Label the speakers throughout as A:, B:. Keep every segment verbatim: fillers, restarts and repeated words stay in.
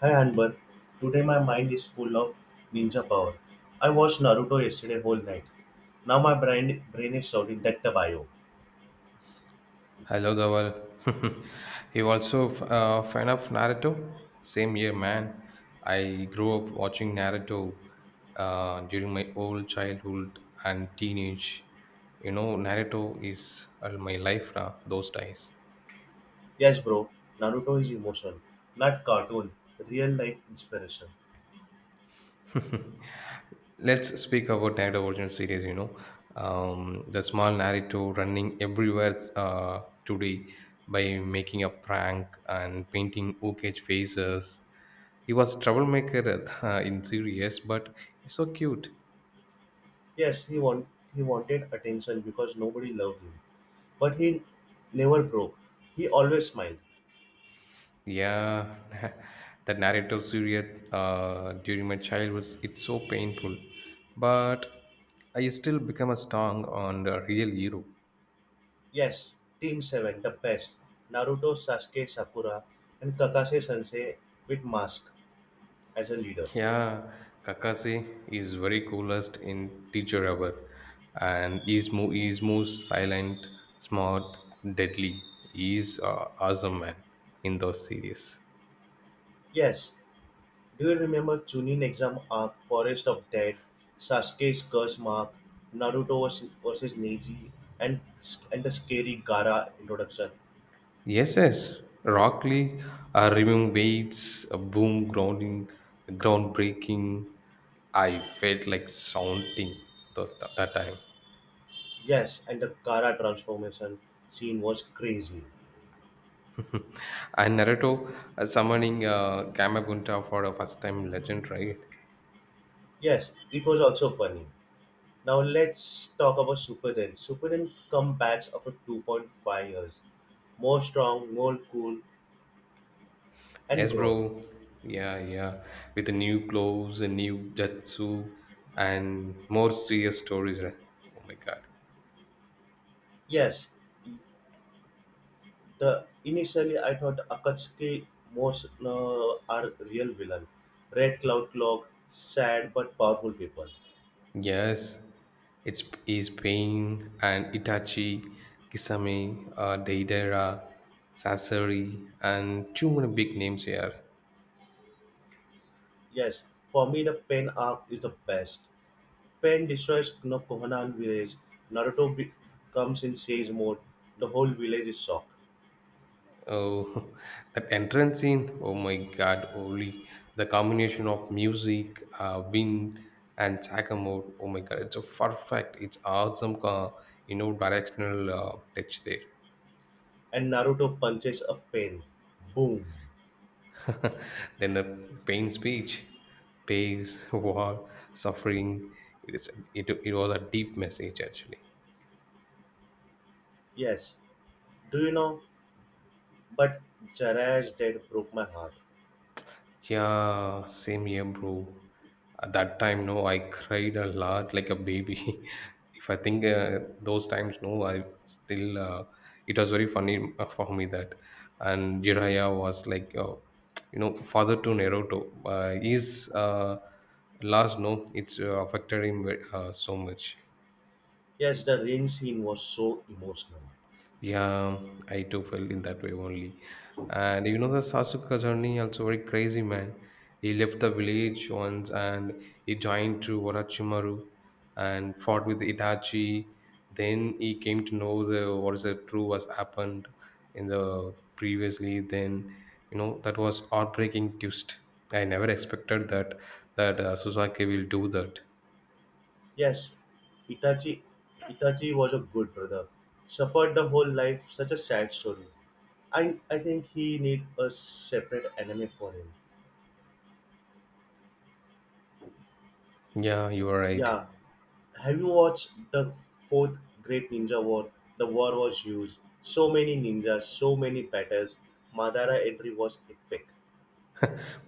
A: Hi Anbar, today my mind is full of ninja power. I watched Naruto yesterday whole night. Now my brain brain is shouting that the bio.
B: Hello, love you also f- uh, fan of Naruto? Same year, man. I grew up watching Naruto uh, during my old childhood and teenage. You know, Naruto is uh, my life now. Those days.
A: Yes bro, Naruto is emotion, not cartoon, real life inspiration.
B: Let's speak about Night of Original Series. You know, um, the small narrative running everywhere uh, today by making a prank and painting ukage faces. He was troublemaker uh, in series, yes, but he's so cute.
A: Yes, he want he wanted attention because nobody loved him. But he never broke. He always smiled.
B: Yeah, the narrative series uh, during my childhood, it's so painful, but I still become a strong and a real hero.
A: Yes, Team seven, the best. Naruto, Sasuke, Sakura, and Kakase Sensei with mask as a leader.
B: Yeah, Kakashi is very coolest in Teacher Rubber, and he's mo- he's most silent, smart, deadly. He's uh, awesome man in those series.
A: Yes, do you remember Chunin exam arc, Forest of Dead, Sasuke's curse mark, Naruto vers- versus Neji, and and the scary Gara introduction?
B: Yes, yes. Rock Lee, uh, removing weights, uh, boom grounding, groundbreaking. I felt like shouting those that, that time.
A: Yes, and the Gara transformation scene was crazy.
B: And Naruto uh, summoning uh, Kamagunta for the first time legend, right?
A: Yes, it was also funny. Now let's talk about Super Den. Super Then comebacks after two point five years, more strong, more cool, and
B: Yes,
A: grown.
B: bro. Yeah, yeah. With the new clothes and new jutsu and more serious stories, right? Oh my god.
A: Yes, the initially I thought Akatsuki most uh, are real villain. Red Cloud Clock, sad but powerful people.
B: Yes, it's is Pain and Itachi, Kisame, uh, Deidara, Sasori, and too many big names here.
A: Yes, for me the Pain arc is the best. Pain destroys no Kohanan village. Naruto be- comes in sage mode. The whole village is shocked,
B: Oh, that entrance scene! Oh my God, Oli! The combination of music, uh, wind, and sagamore. Oh my God, it's a perfect. It's awesome. Uh, you know, directional uh, touch there.
A: and Naruto punches a Pain. Boom.
B: Then the pain speech, pace, war, suffering. It is. It, it was a deep message actually.
A: Yes. Do you know? But Jiraiya's death broke my heart.
B: Yeah, same here, bro. At that time, no, I cried a lot like a baby. If I think uh, those times, no, I still, uh, it was very funny uh, for me that. And Jiraiya was like, uh, you know, father to Naruto. Uh, his uh, Last, no, it's uh, affected him ve- uh, so much.
A: Yes, the rain scene was so emotional.
B: Yeah, I too felt in that way only. And you know the Sasuke journey also very crazy man. He left the village once and he joined to Orochimaru and fought with Itachi. Then he came to know the what is the true was happened in the previously. Then you know that was heartbreaking twist. I never expected that that uh, Sasuke will do that.
A: Yes, Itachi Itachi was a good brother. Suffered the whole life, such a sad story. I I think he need a separate anime for him.
B: Yeah, you are right.
A: Yeah. Have you watched the fourth Great Ninja War? The war was huge. So many ninjas, so many battles. Madara entry was epic.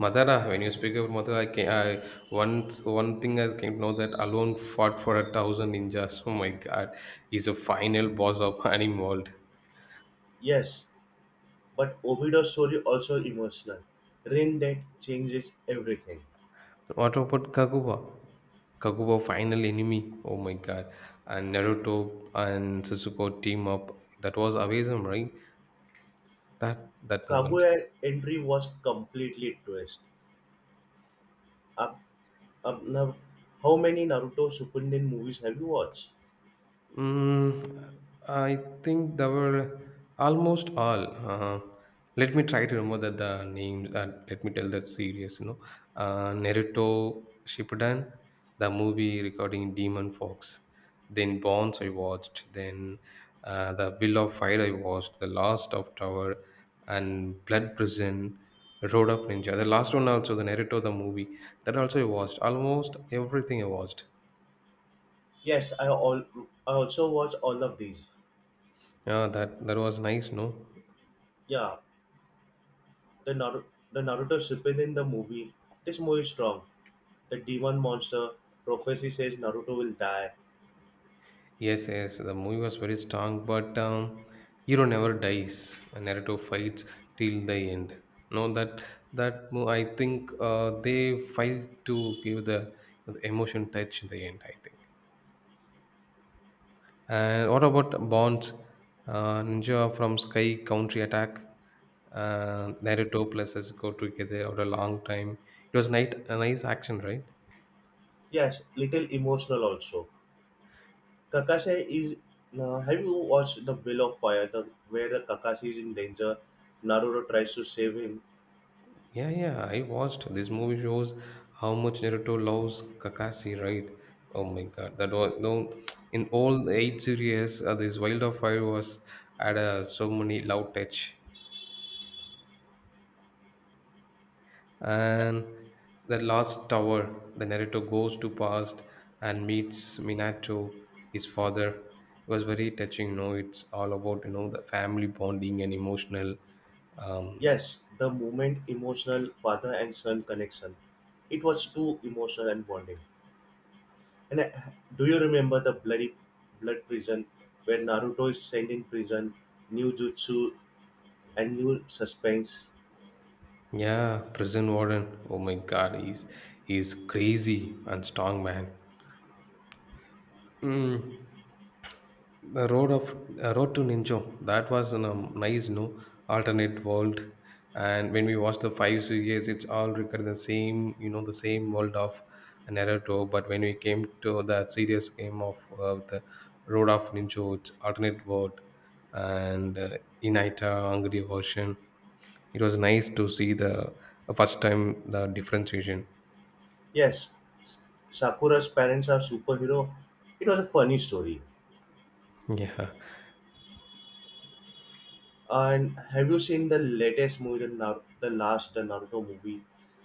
B: Madara, when you speak about Madara, I, can, I once one thing I can know that alone fought for a thousand ninjas. Oh my god, he's a final boss of anime world.
A: Yes, but Obido's story also emotional. Rain Dead changes everything.
B: What about Kaguya? Kaguya final enemy. Oh my god, and Naruto and Sasuke team up. That was amazing, right? That that moment.
A: Kaguya entry was completely twist. Af- Um, now, how many Naruto Shippuden movies have you watched?
B: Mm, I think there were almost all. Uh, let me try to remember that the names. Uh, let me tell that series. You know, uh, Naruto Shippuden, the movie regarding Demon Fox, then Bonds I watched, then uh, the Will of Fire I watched, the Last of Tower, and Blood Prison, Road of Ninja. The last one also, the Naruto the movie that also I watched. Almost everything I watched.
A: Yes, I all I also watch all of these.
B: Yeah, that that was nice. No.
A: Yeah, the Naruto, the Naruto Shippuden the movie. This movie is strong. The demon monster prophecy says Naruto will die.
B: Yes, yes, the movie was very strong, but um, hero never dies. Naruto fights till the end. No, that that mo- I think uh, they failed to give the, the emotion touch in the end. I think. And what about Bonds, uh, Ninja from Sky Country Attack, uh, Naruto plus Sasuke together over a long time? It was night a nice action, right?
A: Yes, little emotional also. Kakashi is. Now, have you watched the Will of Fire, the where the Kakashi is in danger, Naruto tries to save him.
B: Yeah, yeah, I watched this movie shows how much Naruto loves Kakashi, right? Oh my god, that was no in all the eight series, uh, this Wild of Fire was had uh, so many love touch, and the last tower, the Naruto goes to past and meets Minato, his father. It was very touching. You know, it's all about you know the family bonding and emotional um,
A: Yes, the moment emotional father and son connection. It was too emotional and bonding. And uh, do you remember the bloody blood prison where Naruto is sent in prison, new jutsu and new suspense?
B: yeah, prison warden. Oh my God, he's he's crazy and strong man. Mm, the road of uh, road to Ninja. That was a nice, no alternate world. And when we watch the five series, it's all recurring the same, you know, the same world of Naruto. But when we came to the serious game of uh, the road of Ninja, it's alternate world and uh, Inita Angry version. It was nice to see the uh, first time the differentiation.
A: Yes, Sakura's parents are superhero. It was a funny story.
B: Yeah,
A: And have you seen the latest movie, the, Nar- the last the Naruto movie,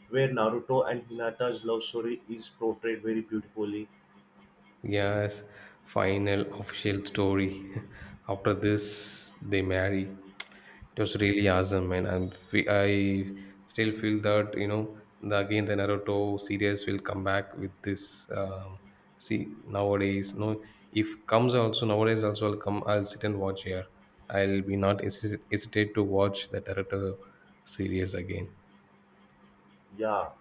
A: where Naruto and Hinata's love story is portrayed very beautifully?
B: yes, final official story. After this, they marry. It was really awesome, man. I'm, fe- I still feel that you know, the, again the Naruto series will come back with this. Um, see, nowadays, no, if comes also nowadays also I'll come. I'll sit and watch here. I'll be not hesi- hesitate to watch the Naruto series again.
A: Yeah,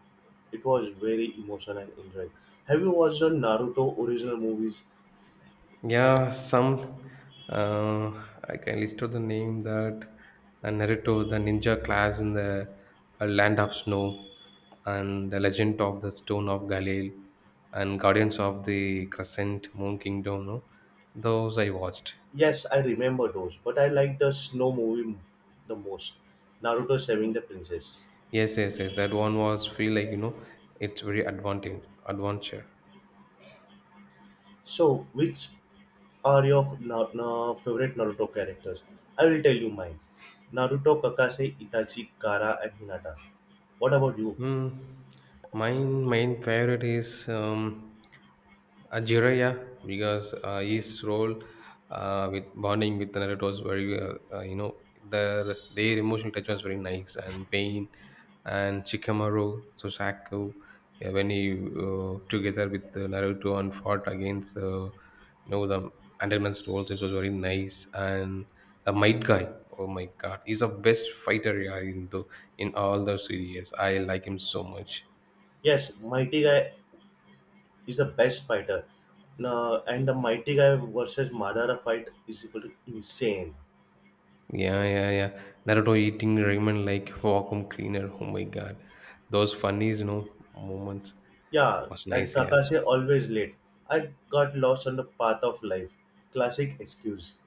A: it was very emotional and enjoyed. Have you watched the Naruto original movies?
B: Yeah, some uh, I can list out the name that uh, Naruto, the ninja class in the uh, Land of Snow, and the Legend of the Stone of Galil, and Guardians of the Crescent Moon Kingdom. No, those I watched.
A: Yes, I remember those, but I like the snow movie m- the most. Naruto saving the princess.
B: Yes, yes, yes. That one was feel like you know it's very advantage adventure.
A: So, which are your f- na- na- favorite Naruto characters? I will tell you mine. Naruto, Kakase, Itachi, Kara, and Hinata. What about you?
B: Mm, mine main favorite is um, Jiraiya because uh, his role uh, with bonding with Naruto was very uh, uh, you know their their emotional touch was very nice and pain, and Shikamaru Susaku. Yeah, when he uh, together with uh, Naruto and fought against uh, you know the Underman's roles, it was very nice. And a might guy, oh my god, he's the best fighter, yeah, in the in all the series, I like him so much.
A: Yes, Mighty Guy is the best fighter. Na- and the Mighty Guy versus Madara fight is equal to insane.
B: Yeah, yeah, yeah, Naruto eating ramen like vacuum cleaner, oh my god, those funnies, you know, moments
A: Yeah,
B: was
A: and
B: nice. Yeah.
A: Kakase always late. I got lost on the path of life. Classic excuse.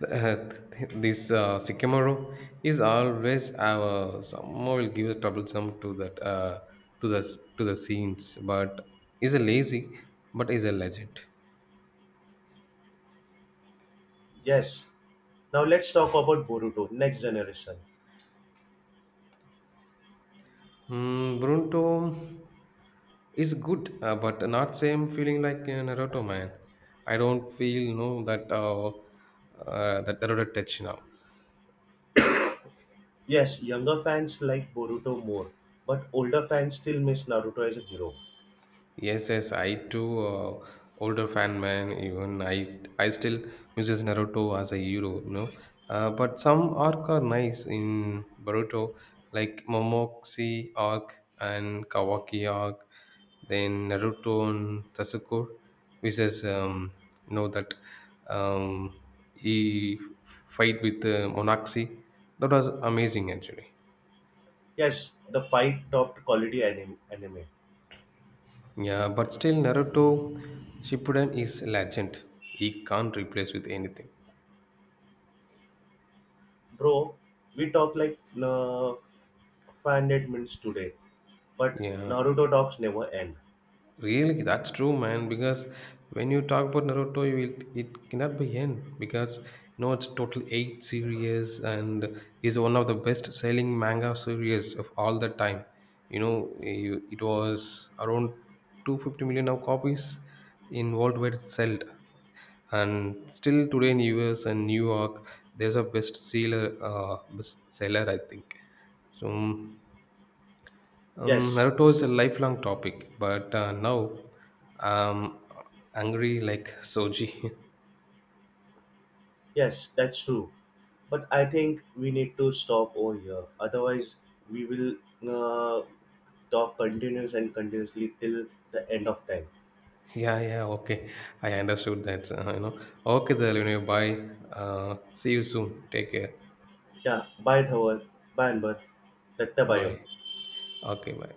B: Uh, th- this uh, sycamore is always our someone will give a troublesome to that uh, to the to the scenes, but is a lazy, but is a legend.
A: Yes, now let's talk about Boruto, next generation.
B: Mm, Brunto is good, uh, but not same feeling like uh, Naruto man. I don't feel no that uh, uh, that Naruto touch now.
A: Yes, younger fans like Boruto more, but older fans still miss Naruto as a hero.
B: Yes, yes, I too, uh, older fan man. Even I, I still misses Naruto as a hero, you know. Uh, but some arc are nice in Boruto, like Momoxi arc and Kawaki arc. Then Naruto and Sasuke, which is um, know that um, he fight with uh, Monaxi. That was amazing actually.
A: Yes, the fight topped quality anime. anime.
B: Yeah, but still Naruto Shippuden is legend. He can't replace with anything.
A: Bro, we talk like uh, five hundred minutes today, but
B: Yeah.
A: Naruto talks never end.
B: Really, that's true, man. Because when you talk about Naruto, you will, it cannot be end because you know it's total eight series and is one of the best selling manga series of all the time. You know, you- it was around two hundred fifty million of copies in worldwide sold, and still today in U S and New York, there's a best seller, uh, best seller, I think. So um,
A: Yes,
B: Naruto is a lifelong topic, but uh, now I'm angry like Soji.
A: yes, that's true. But I think we need to stop over here. Otherwise, we will uh, talk continuous and continuously till the end of time.
B: Yeah, yeah, okay. I understood that. Uh, you know, okay, then you know, bye. Uh, see you soon. Take care.
A: Yeah, bye Dhawal, bye बद, लट्टा बायो.
B: Bye. Okay, bye.